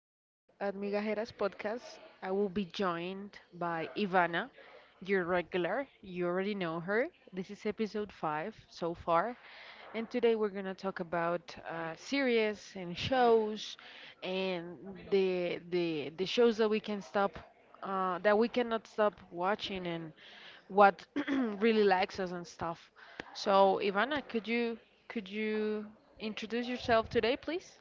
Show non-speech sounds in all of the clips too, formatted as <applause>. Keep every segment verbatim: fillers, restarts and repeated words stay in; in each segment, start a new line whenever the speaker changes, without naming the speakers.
Today at Migajeras Podcast, I will be joined by Ivana, your regular. You already know her. This is episode five so far, and today we're gonna talk about uh, series and shows, and the the the shows that we can stop, uh, that we cannot stop watching and what <clears throat> really likes us and stuff. So, Ivana, could you could you introduce yourself today, please?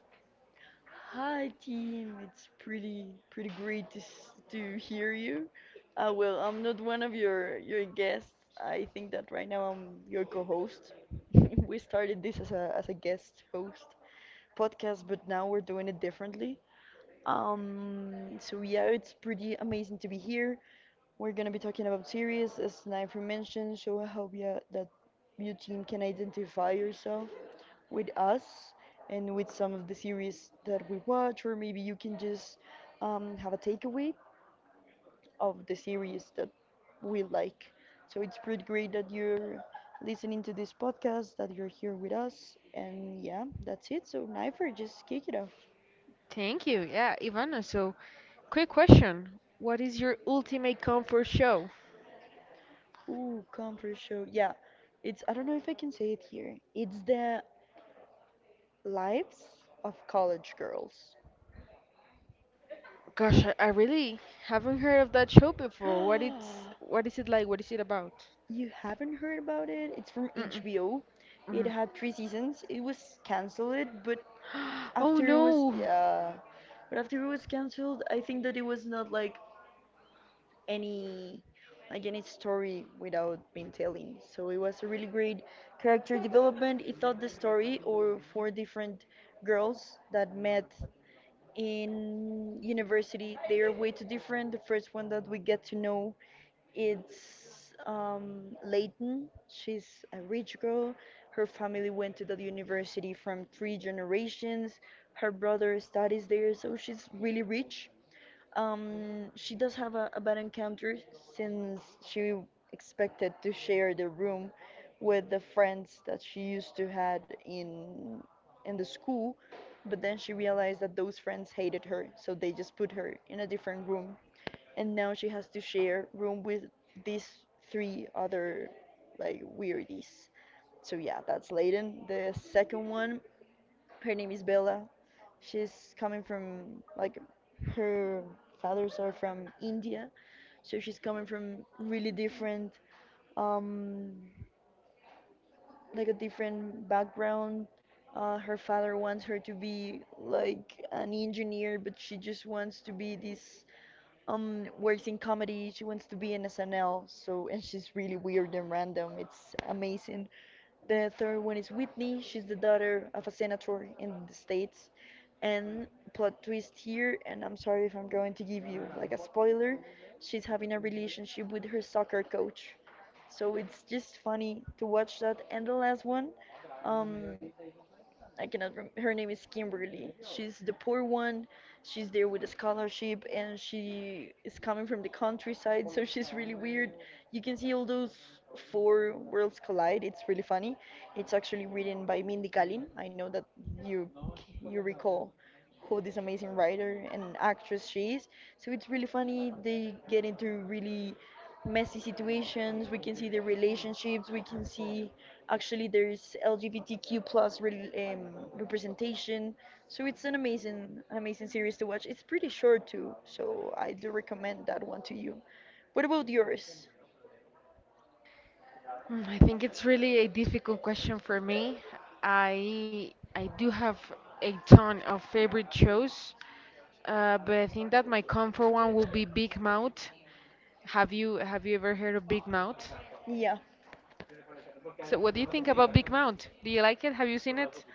Hi team, it's pretty pretty great to s- to hear you. Uh, well, I'm not one of your your guests. I think that right now I'm your co-host. <laughs> We started this as a as a guest host podcast, but now we're doing it differently. Um, so yeah, it's pretty amazing to be here. We're gonna be talking about series, as Sniper mentioned. So I hope, yeah, that you team can identify yourself with us and with some of the series that we watch, or maybe you can just um, have a takeaway of the series that we like. So it's pretty great that you're listening to this podcast, that you're here with us, and yeah, that's it. So Knifer, just kick it off.
Thank you. Yeah, Ivana. So, quick question. What is your ultimate comfort show?
Ooh, comfort show. Yeah, it's I don't know if I can say it here. It's the lives of college girls.
Gosh, I, I really haven't heard of that show before. What it's
<gasps>
what is it like? What is it about?
You haven't heard about it? It's from
Mm-mm.
H B O. It
Mhm.
had three seasons. It was canceled, but
<gasps> Oh
after it was,
no.
yeah, but after it was canceled, I think that it was not like any like any story without being telling. So it was a really great character development. It told the story or four different girls that met in university. They are way too different. The first one that we get to know it's um, Leighton. She's a rich girl. Her family went to that university from three generations. Her brother studies there, so she's really rich. Um, she does have a, a bad encounter since she expected to share the room with the friends that she used to had in in the school, but then she realized that those friends hated her, so they just put her in a different room, and now she has to share room with these three other like weirdies. So yeah, that's Layden. The second one her name is Bella. She's coming from like her fathers are from India, so she's coming from really different um, like a different background. Uh, her father wants her to be like an engineer, but she just wants to be this um works in comedy. She wants to be in S N L. So and she's really weird and random, it's amazing. The third one is Whitney. She's the daughter of a senator in the states, and plot twist here, and I'm sorry if I'm going to give you like a spoiler, she's having a relationship with her soccer coach, so it's just funny to watch that. And the last one, um I cannot rem- her name is Kimberly. She's the poor one. She's there with a scholarship and she is coming from the countryside, so she's really weird. You can see all those four worlds collide. It's really funny. It's actually written by Mindy Kaling. I know that you you recall who this amazing writer and actress she is. So it's really funny. They get into really messy situations. We can see their relationships. We can see actually there's L G B T Q plus re- um, representation. So it's an amazing, an amazing series to watch. It's pretty short too, so I do recommend that one to you. What about yours?
Mm, I think it's really a difficult question for me. I I do have a ton of favorite shows, uh, but I think that my comfort one will be Big Mouth. Have you have you ever heard of Big Mouth?
Yeah.
So what do you think about Big Mouth? Do you like it? Have you seen it?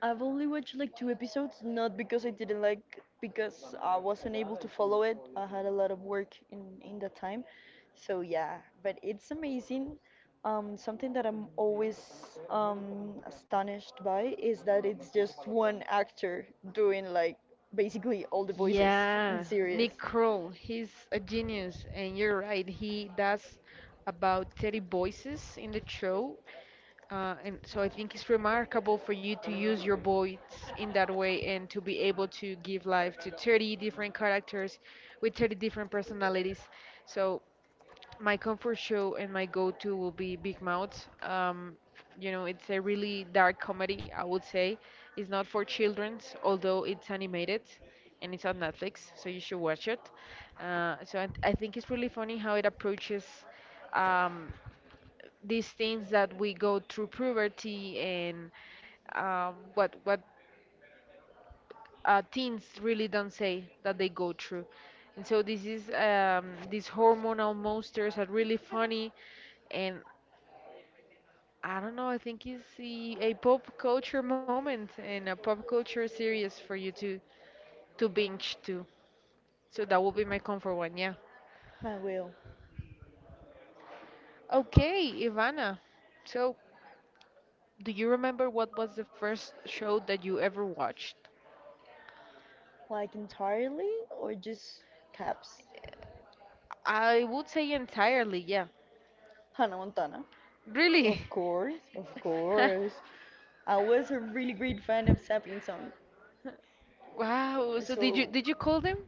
I've only watched like two episodes, not because I didn't like, because I wasn't able to follow it. I had a lot of work in in that time, so yeah. But it's amazing. Um, something that I'm always um, astonished by is that it's just one actor doing like basically all the voices in
Yeah,
the
Nick
series.
Kroll, he's a genius, and you're right. He does about thirty voices in the show. Uh, and so I think it's remarkable for you to use your voice in that way and to be able to give life to thirty different characters with thirty different personalities. So my comfort show and my go-to will be Big Mouth. Um, you know, it's a really dark comedy, I would say. It's not for children's, although it's animated and it's on Netflix, so you should watch it. Uh, so I, I think it's really funny how it approaches. Um, these things that we go through puberty and um, what what uh, teens really don't say that they go through. And so this is um, these hormonal monsters are really funny, and I don't know. I think it's the, a pop culture moment and a pop culture series for you to to binge to. So that will be my comfort one. Yeah.
I will.
Okay, Ivana. So do you remember what was the first show that you ever watched?
Like entirely or just caps.
I would say entirely, yeah.
Hannah Montana.
Really?
Of course, of
<laughs>
course. I was a really great fan of Sapping Song.
Wow. So did you
So
did you call them?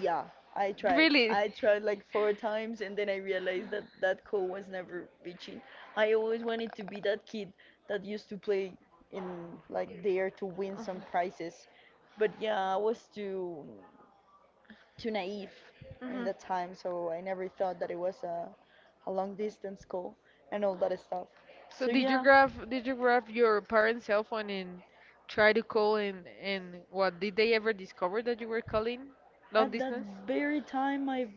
yeah, I tried.
Really?
I tried like four times and then I realized that that goal was never reaching. I always wanted to be that kid that used to play in like there to win some prizes. But yeah, I was too too naive in
Hmm.
that time, so I never thought that it was a a long distance goal and all that stuff.
So
So
did you
yeah,
grab did you grab your parents' cell phone and try to call and and what did they ever discover that you were calling long
at that
distance?
very time my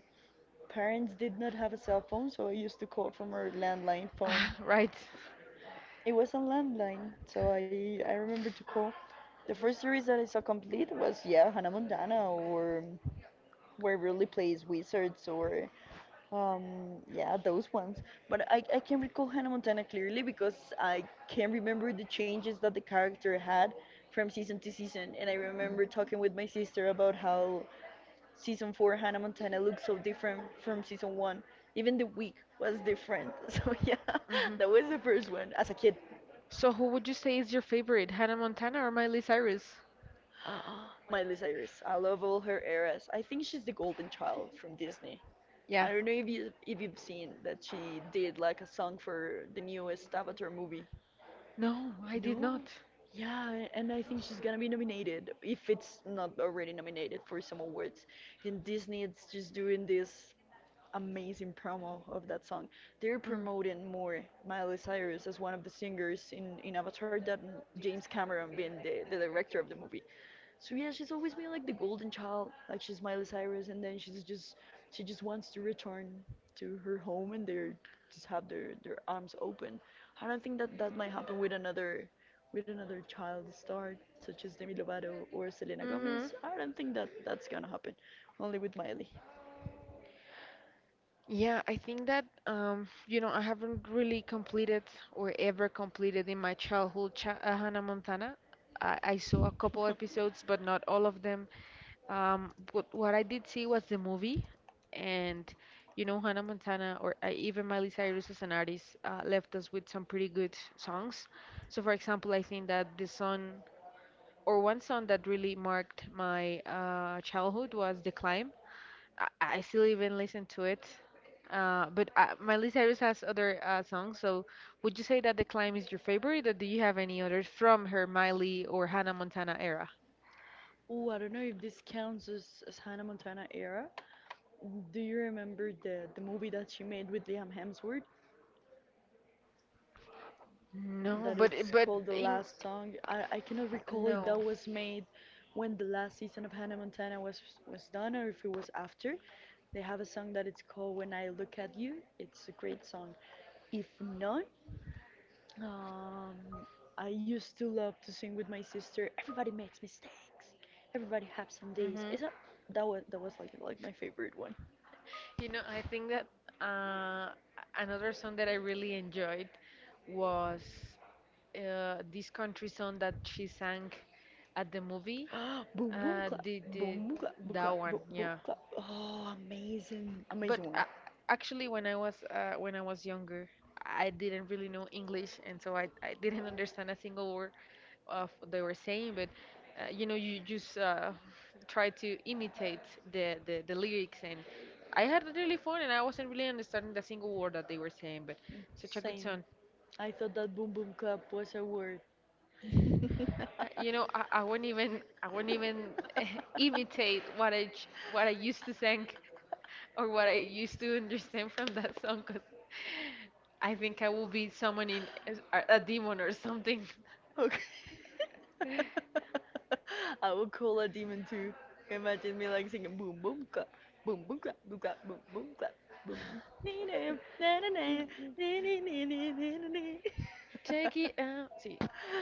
parents did not have a cell phone, so I used to call from our landline
<laughs> Ah,
phone.
right.
It was a landline, so I I remember to call. The first series that I saw complete was, yeah, Hannah Montana or where really plays wizards or um yeah those ones. But I I can recall Hannah Montana clearly because I can remember the changes that the character had from season to season, and I remember talking with my sister about how season four Hannah Montana looked so different from season one. Even the wig was different. <laughs> So yeah, that was the first one as a kid.
So, who would you say is your favorite, Hannah Montana or Miley Cyrus?
<gasps> Miley Cyrus. I love all her eras. I think she's the golden child from Disney.
Yeah.
I don't know if you if you've seen that she did like a song for the newest Avatar movie.
No, I did
No.
not.
Yeah, and I think she's gonna be nominated if it's not already nominated for some awards. And Disney is just doing this amazing promo of that song. They're
Mm.
promoting more Miley Cyrus as one of the singers in, in Avatar than James Cameron being the, the director of the movie. So yeah, she's always been like the golden child, like she's Miley Cyrus, and then she's just she just wants to return to her home and they just have their their arms open. I don't think that that might happen with another with another child star such as Demi Lovato or Selena
Hmm.
Gomez. I don't think that that's gonna happen. Only with Miley.
Yeah, I think that um, you know, I haven't really completed or ever completed in my childhood cha uh, Hannah Montana. I, I saw a couple
<laughs>
episodes, but not all of them. Um, but what I did see was the movie, and you know, Hannah Montana or uh, even Miley Cyrus as an artist uh, left us with some pretty good songs. So, for example, I think that the song or one song that really marked my uh, childhood was "The Climb." I, I still even listen to it. Uh, but uh, Miley Cyrus has other uh, songs. So would you say that The Climb is your favorite, or do you have any others from her Miley or Hannah Montana era?
Oh, I don't know if this counts as, as Hannah Montana era. Do you remember the, the movie that she made with Liam Hemsworth?
No,
That
but it-
it's
but
called The
in
Last Song. I, I cannot recall if
no.
that was made when the last season of Hannah Montana was was done or if it was after. They have a song that it's called When I Look at You. It's a great song. If not, um, I used to love to sing with my sister. Everybody makes mistakes. Everybody has some days.
Hmm.
Is that that was that was like like my favorite one.
You know, I think that uh, another song that I really enjoyed was uh, this country song that she sang at the movie.
<gasps> Boom boom
Uh,
clap,
the
boom
the
boom clap, boom clap,
That one,
boom boom
yeah.
clap. Oh, amazing,
But
amazing one.
uh, Actually, when I was uh, when I was younger, I didn't really know English, and so I, I didn't understand a single word of what they were saying. But uh, You know, you just uh, <laughs> try to imitate the, the the lyrics, and I had really fun, and I wasn't really understanding a single word that they were saying. But such a good
Same.
song.
I thought that boom boom clap was a word. <laughs>
Uh, You know, I, I wouldn't even I wouldn't even <laughs> imitate what I j- what I used to sing or what I used to understand <laughs> from that song because I think I will be summoning as- a, a demon or something.
Okay.
<laughs>
<laughs> I would call a demon too. Imagine me like singing boom boom clap, boom boom clap, boom clap, boom boom clap, boom. Ni-na, na-na-na, ni-ni-ni-ni-ni-ni.
Check it out. See,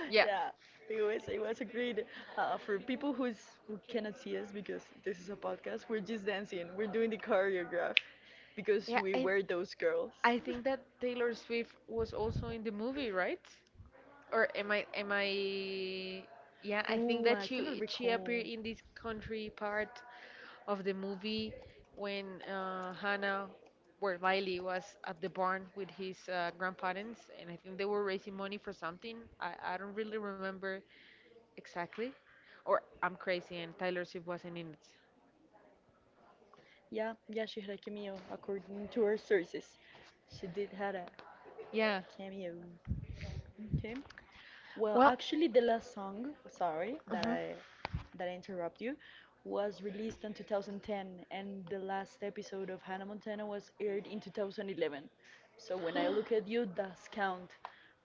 yeah,
Yeah, it was it was agreed. Uh, for people who's who cannot see us because this is a podcast, we're just dancing. We're doing the choreograph because
yeah,
we
and
were those girls.
I think that Taylor Swift was also in the movie, right? or am I am I yeah I
Ooh,
think
I
that
cannot
she she
recall.
appeared in this country part of the movie when uh, Hannah where Riley was at the barn with his uh, grandparents and I think they were raising money for something. I, I don't really remember exactly, or I'm crazy and Tyler Swift wasn't in it.
Yeah, yeah, she had a cameo according to her sources. She did had a
Yeah.
cameo. Okay. Well,
Well,
actually, the last song, sorry that
mhm.
I that I interrupt you, was released in two thousand ten, and the last episode of Hannah Montana was aired in two thousand eleven. So when I look at you, does count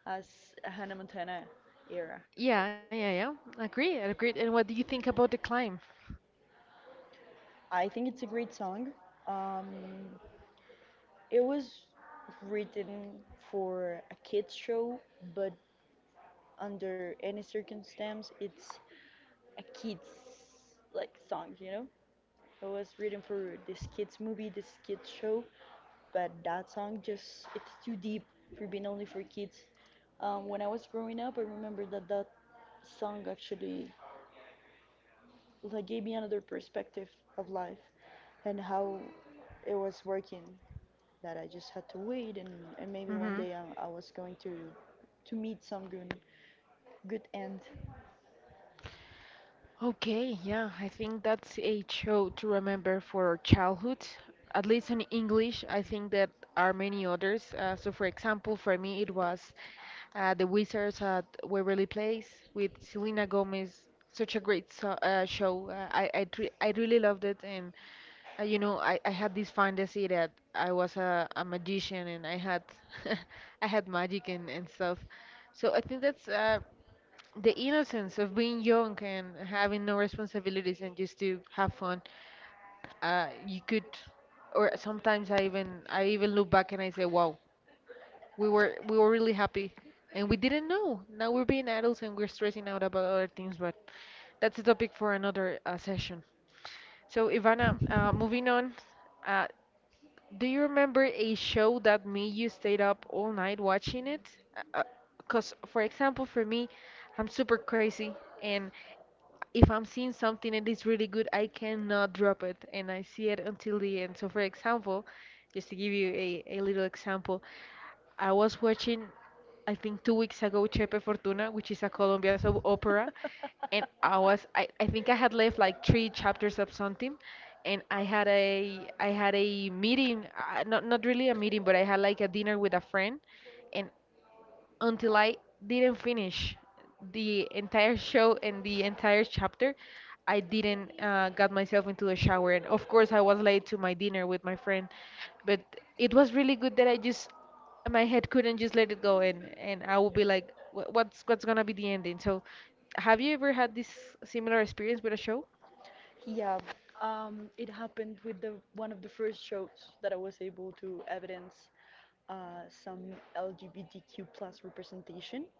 as a Hannah Montana era.
Yeah, yeah, yeah, agree I agree. And what do you think about The Climb?
I think it's a great song. Um, it was written for a kids show, but under any circumstance, it's a kids like song, you know? I was written for this kids movie, this kids show, but that song just it's too deep for being only for kids. Um, when I was growing up, I remember that that song actually like gave me another perspective of life and how it was working. That I just had to wait, and, and maybe one
Mm-hmm.
day I, I was going to to meet some good good end.
Okay, yeah, I think that's a show to remember for our childhood. At least in English, I think there are many others. Uh, so, for example, for me, it was uh, The Wizards at Waverly Place with Selena Gomez. Such a great so uh, show. Uh, I I, tre I really loved it, and uh, you know, I, I had this fantasy that I was a, a magician and I had <laughs> I had magic and, and stuff. So I think that's uh, the innocence of being young and having no responsibilities and just to have fun. Uh, you could or Sometimes i even I even look back and I say, wow, we were we were really happy and we didn't know. Now we're being adults and we're stressing out about other things, but that's a topic for another uh, session. So, Ivana, uh, moving on, uh, do you remember a show that made you stayed up all night watching it? Because, for example, for me, I'm super crazy, and if I'm seeing something and it's really good, I cannot drop it and I see it until the end. So, for example, just to give you a, a little example, I was watching, I think two weeks ago, Chepe Fortuna, which is a Colombian soap opera, and I was, I, I think I had left like three chapters of something, and I had a, I had a meeting, uh, not not really a meeting, but I had like a dinner with a friend, and until I didn't finish the entire show and the entire chapter, I didn't uh, got myself into the shower. And of course, I was late to my dinner with my friend, but it was really good that I just, my head couldn't just let it go, and and I would be like, "Wha- what's what's gonna be the ending?" So, have you ever had this similar experience with a show?
Yeah, um, it happened with the one of the first shows that I was able to evidence uh, some L G B T Q plus representation.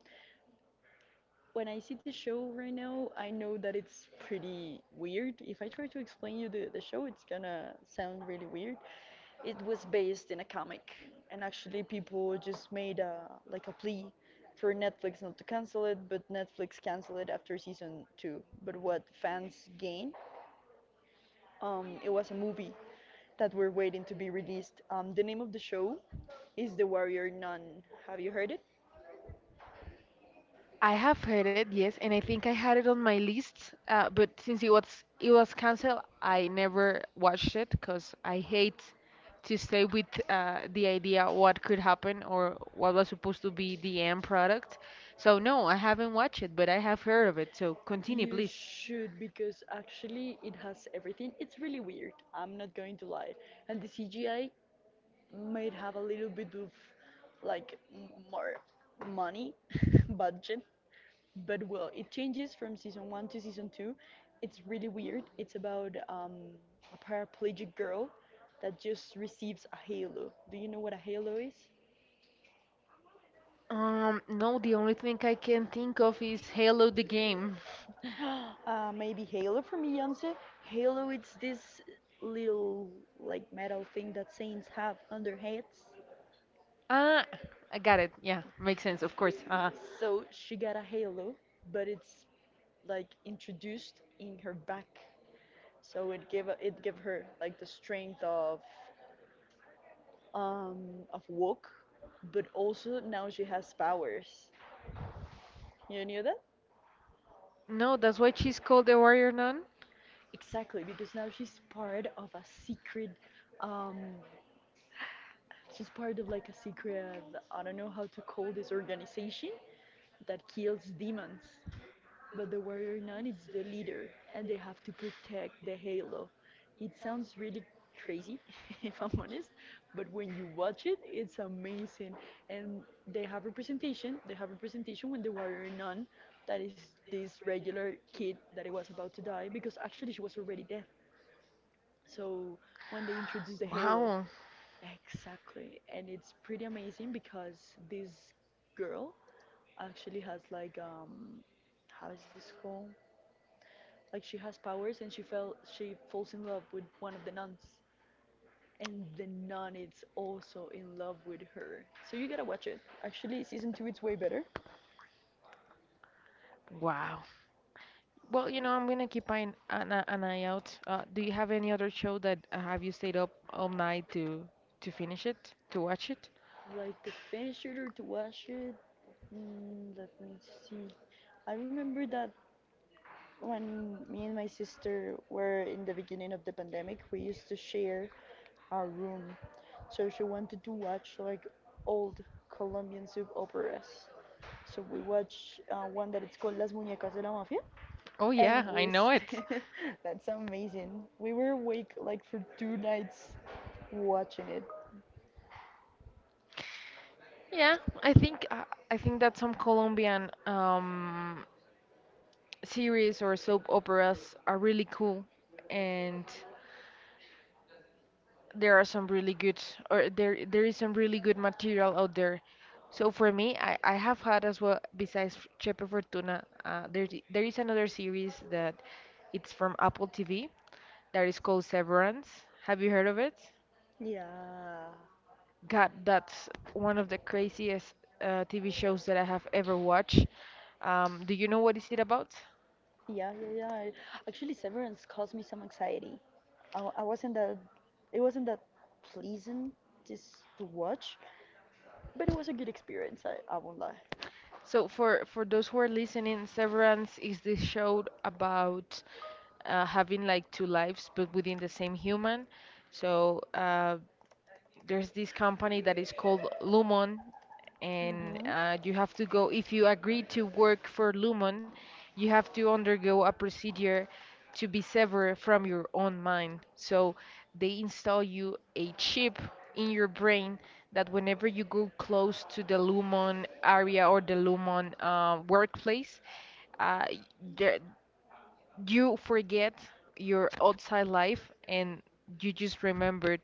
When I see the show right now, I know that it's pretty weird. If I try to explain you the, the show, it's gonna sound really weird. It was based in a comic, and actually people just made a like a plea for Netflix not to cancel it, but Netflix canceled it after season two. But what fans gain, um, it was a movie that we're waiting to be released. Um, the name of the show is The Warrior Nun. Have you heard it?
I have heard it, yes, and I think I had it on my list, uh, but since it was it was canceled, I never watched it because I hate to stay with uh, the idea what could happen or what was supposed to be the end product. So no, I haven't watched it, but I have heard of it. So continue,
You
please.
should because actually it has everything. It's really weird. I'm not going to lie. And the C G I might have a little bit of like m- more money <laughs> budget, but well, it changes from season one to season two. It's really weird. It's about um, a paraplegic girl that just receives a halo. Do you know what a halo is?
Um, no, the only thing I can think of is Halo the game. <laughs>
<gasps> uh, maybe Halo from Beyonce. Halo, it's this little like metal thing that saints have on their heads.
Ah, I got it. Yeah, makes sense, of course. Uh,
So she got a halo, but it's like introduced in her back. So it gave a- it gave her like the strength of um of walk, but also now she has powers. You knew that?
no, that's why she's called the Warrior Nun.
Exactly, because now she's part of a secret um she's part of like a secret, I don't know how to call this organization that kills demons. But the Warrior Nun is the leader and they have to protect the Halo. It sounds really crazy, <laughs> if I'm honest, but when you watch it, it's amazing. And they have representation, they have representation when the Warrior Nun, that is this regular kid that it was about to die, because actually she was already dead. So when they introduce the Halo.
Wow.
Exactly, and it's pretty amazing because this girl actually has like um, how is this called? Like she has powers, and she fell she falls in love with one of the nuns, and the nun is also in love with her. So you gotta watch it. Actually, season two it's way better.
Wow. Well, you know, I'm gonna keep an an, eye- an eye out. Uh, do you have any other show that uh, have you stayed up all night to to finish it, to watch it?
Like the fan shooter to watch it. Mm, let me see. I remember that when me and my sister were in the beginning of the pandemic, we used to share our room. So she wanted to watch like old Colombian soap operas. So we watched uh, one that it's called Las Muñecas de la Mafia.
Oh
And
yeah, I
we
know it.
st <laughs> that's amazing. We were awake like for two nights watching it.
Yeah, I think uh, I think that some Colombian um series or soap operas are really cool, and there are some really good or there there is some really good material out there. So for me, I, I have had as well. Besides F- Chepe Fortuna, uh, there i- there is another series that it's from Apple T V that is called Severance. Have you heard of it?
Yeah.
God, that's one of the craziest uh, T V shows that I have ever watched. Um, do you know what is it about?
Yeah, yeah, yeah. Actually, Severance caused me some anxiety. I, I wasn't that it wasn't that pleasant just to watch, but it was a good experience. I, I won't lie.
So for for those who are listening, Severance is the show about uh, having like two lives but within the same human. So uh, there's this company that is called Lumon, and
Hmm.
uh, you have to go, if you agree to work for Lumon, you have to undergo a procedure to be severed from your own mind. So they install you a chip in your brain that whenever you go close to the Lumon area or the Lumon uh, workplace, uh, there, you forget your outside life and you just remember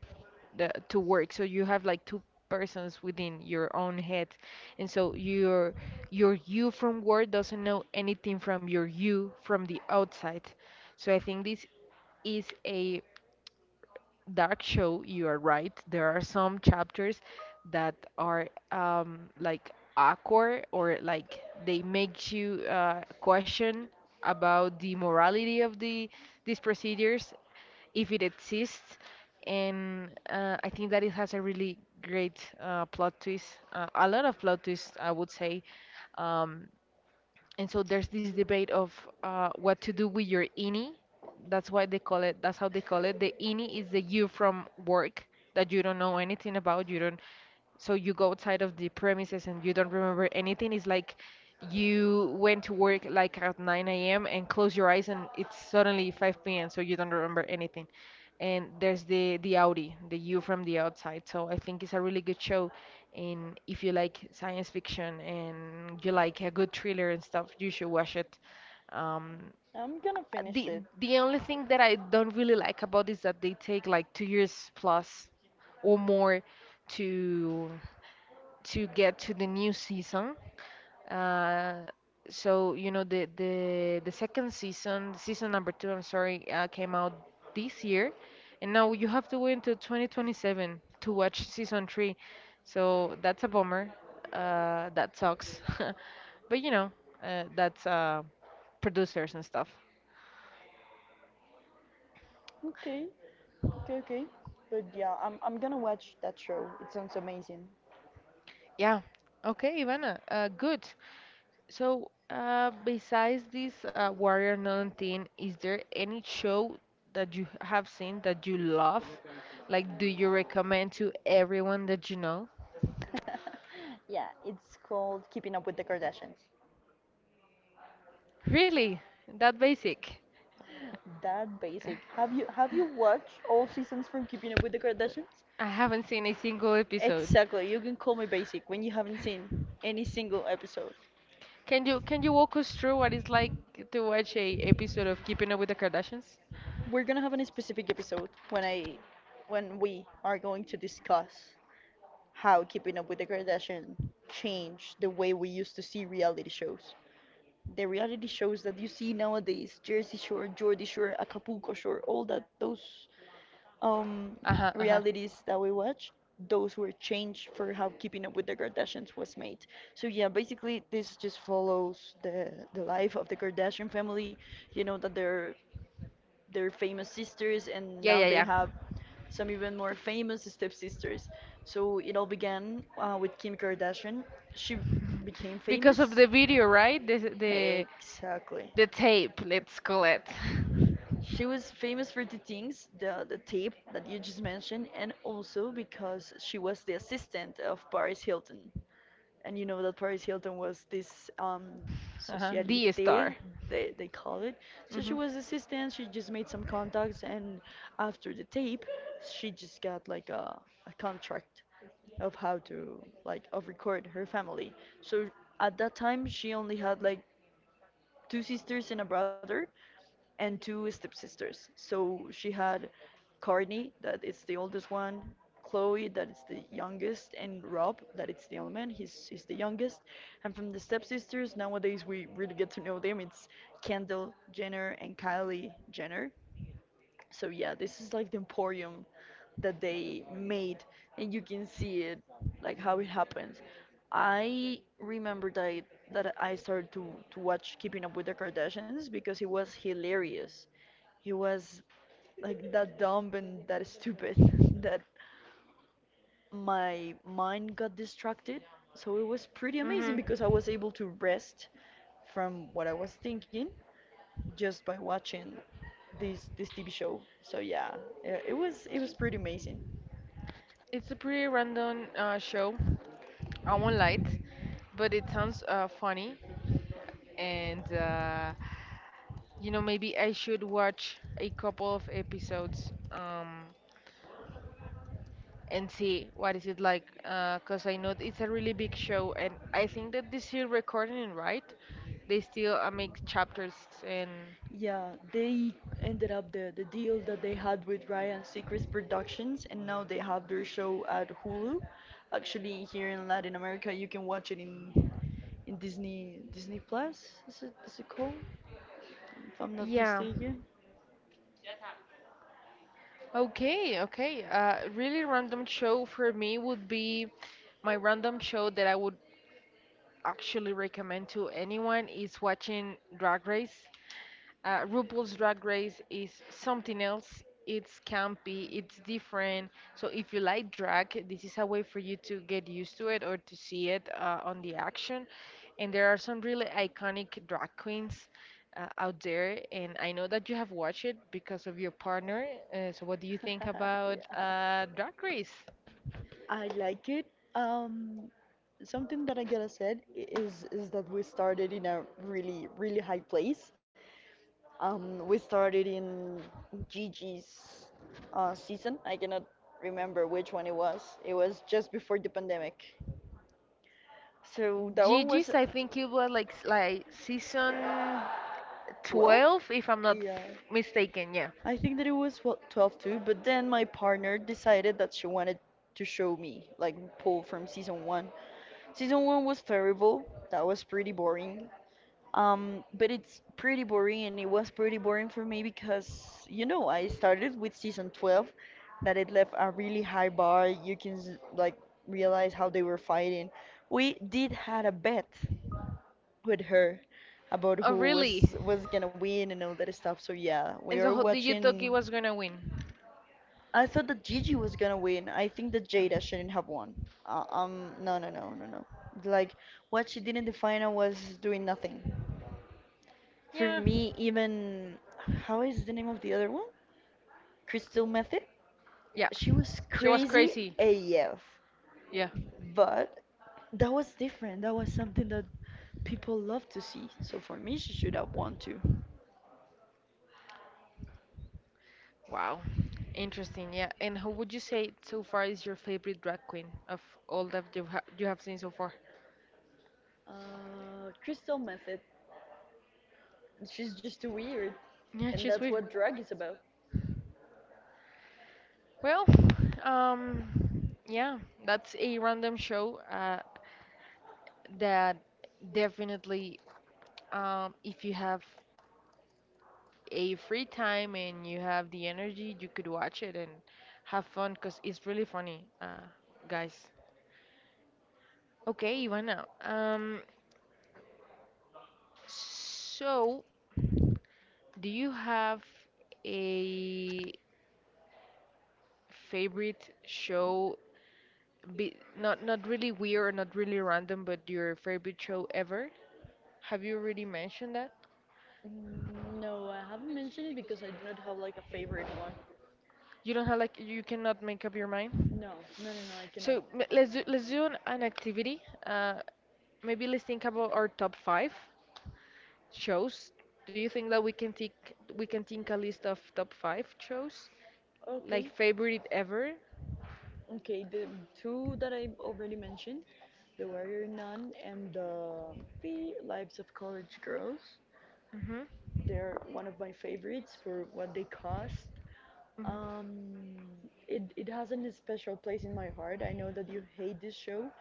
the, to work. So you have like two persons within your own head, and so your your you from work doesn't know anything from your you from the outside. So I think this is a dark show. You are right. There are some chapters that are um, like awkward or like they make you uh, question about the morality of the these procedures if it exists. And uh, I think that it has a really great uh, plot twist, uh, a lot of plot twists, I would say. Um, and so there's this debate of uh, what to do with your ini. That's why they call it, that's how they call it. The ini is the you from work that you don't know anything about, you don't so you go outside of the premises and you don't remember anything. It's like you went to work like at nine a m and close your eyes and it's suddenly five p m, so you don't remember anything. And there's the the Audi, the you from the outside. So I think it's a really good show. And if you like science fiction and you like a good thriller and stuff, you should watch it. Um,
I'm gonna finish
the
it.
the only thing that I don't really like about is that they take like two years plus or more to to get to the new season. Uh, so you know the the the second season, season number two, I'm sorry, uh, came out this year, and now you have to wait until twenty twenty-seven to watch season three. So that's a bummer. Uh, that sucks. <laughs> But you know, uh, that's uh, producers and stuff.
Okay, okay, okay. But yeah, I'm I'm gonna watch that show. It sounds amazing.
Yeah. Okay, Ivana. Uh, good. So, uh, besides this uh, Warrior Nun thing, is there any show that you have seen that you love? Like, do you recommend to everyone that you know?
<laughs> Yeah, it's called Keeping Up with the Kardashians.
Really? That basic?
That basic. Have you have you watched all seasons from Keeping Up with the Kardashians?
I haven't seen a single episode.
Exactly. You can call me basic when you haven't seen any single episode.
Can you can you walk us through what it's like to watch a episode of Keeping Up with the Kardashians?
We're gonna have a specific episode when I, when we are going to discuss how Keeping Up with the Kardashians changed the way we used to see reality shows. The reality shows that you see nowadays, Jersey Shore, Jersey Shore, Acapulco Shore, all that those um,
Uh-huh, uh-huh.
realities that we watch, those were changed for how Keeping Up with the Kardashians was made. So yeah, basically this just follows the the life of the Kardashian family. You know that they're their famous sisters, and
Yeah,
now
yeah,
they
yeah.
have some even more famous stepsisters. So it all began uh, with Kim Kardashian. She became
Because of
famous.
the video, right? The the
Exactly.
the tape, let's call it. <laughs>
She was famous for the things, the, the tape that you just mentioned, and also because she was the assistant of Paris Hilton. And you know that Paris Hilton was this um
Uh-huh. The
socialite
star.
they they call it. So she
Hmm.
was assistant. She just made some contacts, and after the tape, she just got like a, a contract of how to like of record her family. So at that time, she only had like two sisters and a brother, and two stepsisters. So she had Courtney, that is the oldest one, Chloe, that is the youngest, and Rob, that is the other man. He's, he's the youngest. And from the stepsisters, nowadays we really get to know them. It's Kendall Jenner and Kylie Jenner. So yeah, this is like the emporium that they made, and you can see it, like how it happens. I remember that I, that I started to to watch Keeping Up with the Kardashians because it was hilarious. It was like that dumb and that stupid <laughs> that my mind got distracted. So it was pretty amazing
Mhm.
because I was able to rest from what I was thinking just by watching this this T V show. So yeah, it, it was it was pretty amazing.
It's a pretty random uh, show. I won't lie, but it sounds uh, funny, and uh, you know maybe I should watch a couple of episodes um, and see what is it like, because I know it's a really big show, and I think that they're still recording it, right? They still uh, make chapters and
Yeah, they ended up the the deal that they had with Ryan Seacrest Productions, and now they have their show at Hulu. Actually, here in Latin America, you can watch it in in Disney Disney Plus. Is it is it called? If I'm not
yeah.
mistaken.
Okay, okay. Uh, really random show for me would be my random show that I would actually recommend to anyone is watching Drag Race. Uh, RuPaul's Drag Race is something else. It's campy, it's different. So if you like drag, this is a way for you to get used to it or to see it uh, on the action. And there are some really iconic drag queens uh, out there. And I know that you have watched it because of your partner. Uh, so what do you think
<laughs>
about
Yeah.
uh, Drag Race?
I like it. Um, something that I gotta said i- is is that we started in a really really high place. Um, we started in Gigi's uh, season. I cannot remember which one it was. It was just before the pandemic. So that one was
Gigi's, I think it was like s- like season
twelve?
twelve, if I'm not
Yeah.
f- mistaken. Yeah.
I think that it was what twelve too, but then my partner decided that she wanted to show me like pull from season one. Season one was terrible. That was pretty boring. Um, but it's pretty boring, and it was pretty boring for me because, you know, I started with season twelve, that it left a really high bar. You can, s- like, realize how they were fighting. We did had a bet with her about
Oh,
who
really?
was was gonna win and all that stuff. So yeah, we
And
are
so, do you thought
watching.
he was gonna win?
I thought that Gigi was gonna win. I think that Jada shouldn't have won. Uh, um, no, no, no, no, no. Like what she did in the final was doing nothing. For
Yeah.
me, even how is the name of the other one? Crystal Method.
Yeah.
She was
She was
crazy
crazy.
A F,
Yeah.
but that was different. That was something that people love to see. So for me, she should have won too.
Wow. Interesting. Yeah. And who would you say so far is your favorite drag queen of all that you ha you have seen so far?
Uh, Crystal Method. She's just too weird,
Yeah,
and
she's
that's
weird.
what drag is about.
Well, um, yeah, that's a random show uh, that definitely, um, if you have a free time and you have the energy, you could watch it and have fun because it's really funny, uh, guys. Okay, Ivana. Um, so do you have a favorite show? Be, not not really weird, not really random, but your favorite show ever? Have you already mentioned that?
No, I haven't mentioned it because I do not have like a favorite one.
You don't have like you cannot make up your mind.
No, no, no, no, I cannot.
So m- let's do, let's do an, an activity. Uh, maybe let's think about our top five shows. Do you think that we can take we can think a list of top five shows, like
Okay.
favorite ever?
Okay, the two that I already mentioned, The Warrior Nun and The P Lives of College Girls,
Mm-hmm.
they're one of my favorites for what they cost.
Mm-hmm.
Um, it, it has a special place in my heart. I know that you hate this show,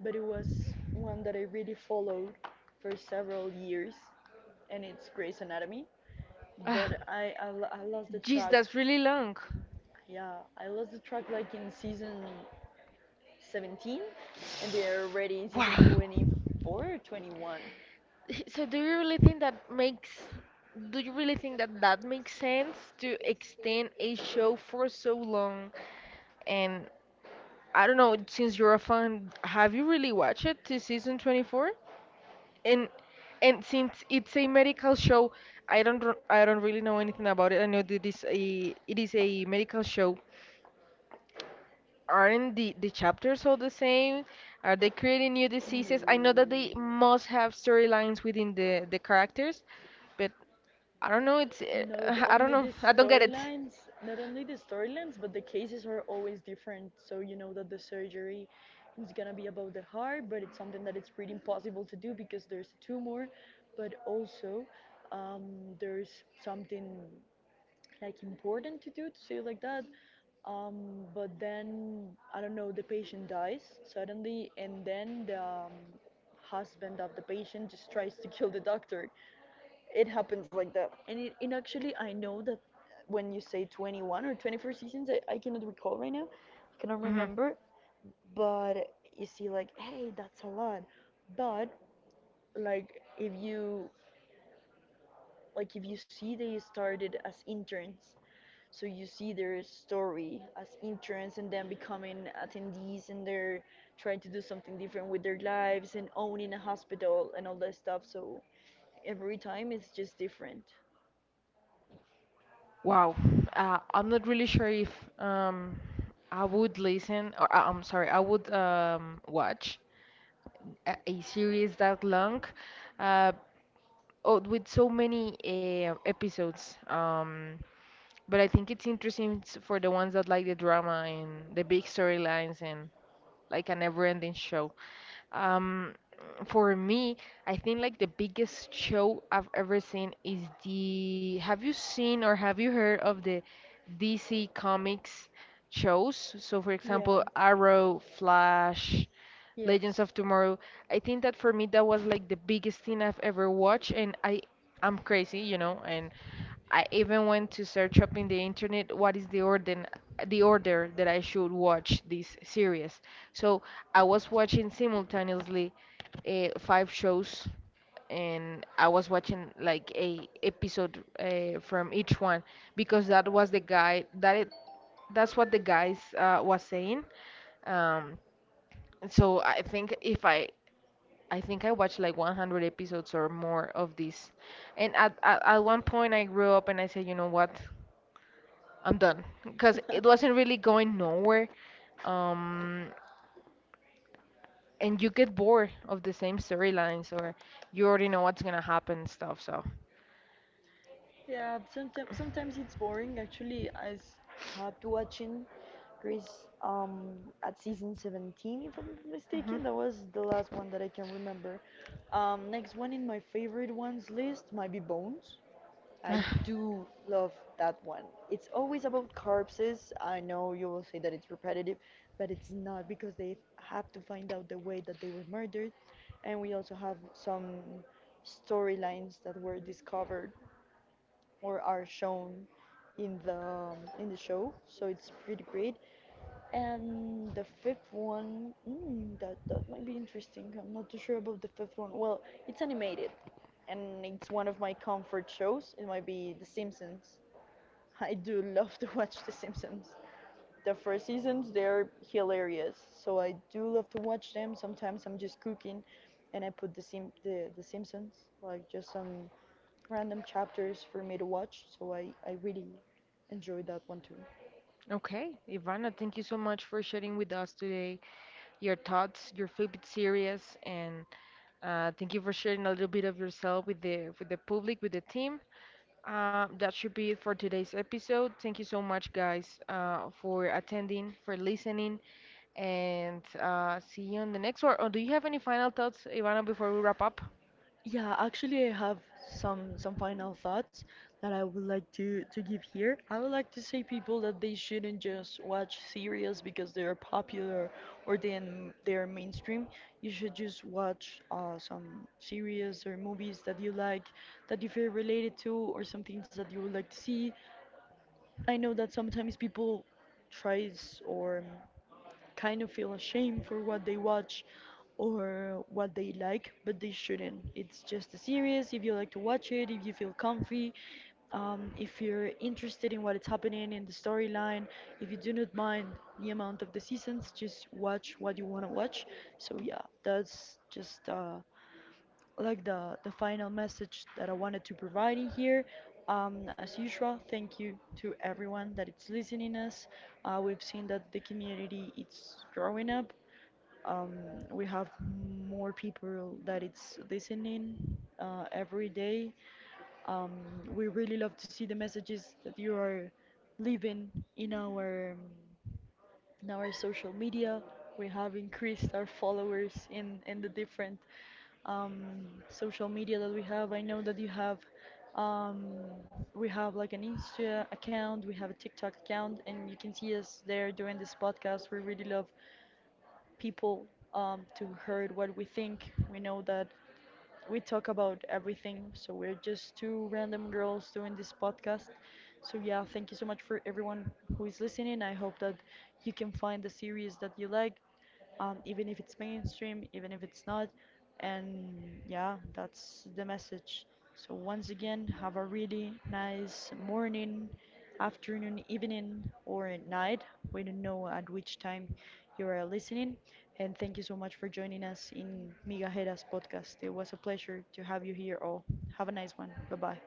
but it was one that I really followed for several years, and it's Grey's Anatomy.
Ah,
But I, I, lo- I lost the
jeez,
track.
that's really long.
Yeah, I lost the track like in season seventeen and they are already in
Wow.
season
<laughs>
twenty-four or twenty-one.
So do you really think that makes do you really think that that makes sense to extend a show for so long? And I don't know, since you're a fan, have you really watched it to season twenty-four? and and since it's a medical show, I don't r- I don't really know anything about it. I know that this a it is a medical show. Aren't the the chapters all the same? Are they creating new diseases? I know that they must have storylines within the the characters, but I don't know. It's uh,
not
<laughs> I don't
only the
know. I don't get it.
storylines Not only the storylines but the cases are always different, so you know that the surgery is gonna be about the heart but it's something that it's pretty impossible to do because there's a tumor, but also um, there's something like important to do to say it like that. um, but then I don't know, the patient dies suddenly and then the um, husband of the patient just tries to <laughs> kill the doctor. It happens like that. And it, and actually I know that when you say twenty-one or twenty-four seasons, I, I cannot recall right now, I cannot
Hmm.
remember. But you see like, hey, that's a lot. But like if you like if you see they started as interns, so you see their story as interns and then becoming attendees and they're trying to do something different with their lives and owning a hospital and all that stuff. So every time it's just different.
Wow. Uh, I'm not really sure if um I would listen or uh, I'm sorry, I would um watch a a series that long, uh, oh, with so many uh, episodes. Um, but I think it's interesting s- for the ones that like the drama and the big storylines and like a never-ending show. Um, for me, I think like the biggest show I've ever seen is the. Have you seen or have you heard of the D C Comics shows? So, for
Yeah.
example, Arrow, Flash, Legends
Yes.
of Tomorrow. I think that for me that was like the biggest thing I've ever watched, and I I'm crazy, you know, and I even went to search up in the internet what is the order the order that I should watch this series. So I was watching simultaneously uh, five shows, and I was watching like a episode uh, from each one because that was the guy that it, that's what the guys uh, was saying. Um, so I think if I I think I watched like one hundred episodes or more of this, and at, at at one point I grew up and I said, you know what? I'm done because it wasn't really going nowhere. Um, and you get bored of the same storylines, or you already know what's gonna happen and stuff. So,
Yeah, sometimes sometimes it's boring. Actually, I stopped watching Grease um at season seventeen, if I'm not
hmm.
mistaken. That was the last one that I can remember. Um, next one in my favorite ones list might be Bones. I
<sighs>
do love that one. It's always about corpses. I know you will say that it's repetitive, but it's not because they have to find out the way that they were murdered, and we also have some storylines that were discovered or are shown in the um, in the show. So it's pretty great. And the fifth one, mm, that that might be interesting. I'm not too sure about the fifth one. Well, it's animated, and it's one of my comfort shows. It might be The Simpsons. <laughs> I do love to watch The Simpsons. The first seasons, they're hilarious. So I do love to watch them. Sometimes I'm just cooking, and I put the Sim the, the Simpsons, like just some random chapters for me to watch, so I, I really enjoyed that one too.
Okay, Ivana, thank you so much for sharing with us today your thoughts, your favorite series, and uh, thank you for sharing a little bit of yourself with the with the public, with the team. Um, that should be it for today's episode. Thank you so much, guys, uh, for attending, for listening, and uh, see you on the next one. Oh, do you have any final thoughts, Ivana, before we wrap up?
Yeah, actually, I have some some final thoughts that I would like to to give here. I would like to say people that they shouldn't just watch series because they are popular or then they are mainstream. You should just watch uh, some series or movies that you like, that you feel related to, or some things that you would like to see. I know that sometimes people tries or kind of feel ashamed for what they watch or what they like, but they shouldn't. It's just a series. If you like to watch it, if you feel comfy, um, if you're interested in what is happening in the storyline, if you do not mind the amount of the seasons, just watch what you want to watch. So yeah, that's just uh, like the the final message that I wanted to provide in here. Um, as usual, thank you to everyone that is listening us. Uh, we've seen that the community is growing up. Um, we have more people that it's listening uh, every day. Um, we really love to see the messages that you are leaving in our um, now our social media. We have increased our followers in in the different um, social media that we have. I know that you have um, we have like an Insta account, we have a TikTok account, and you can see us there doing this podcast. We really love people um, to heard what we think. We know that we talk about everything, so we're just two random girls doing this podcast. So yeah, thank you so much for everyone who is listening. I hope that you can find the series that you like um, even if it's mainstream, even if it's not. And yeah, that's the message. So, once again, have a really nice morning, afternoon, evening, or night. We don't know at which time you are listening. And thank you so much for joining us in Migajeras podcast. It was a pleasure to have you here all. Have a nice one. Bye bye.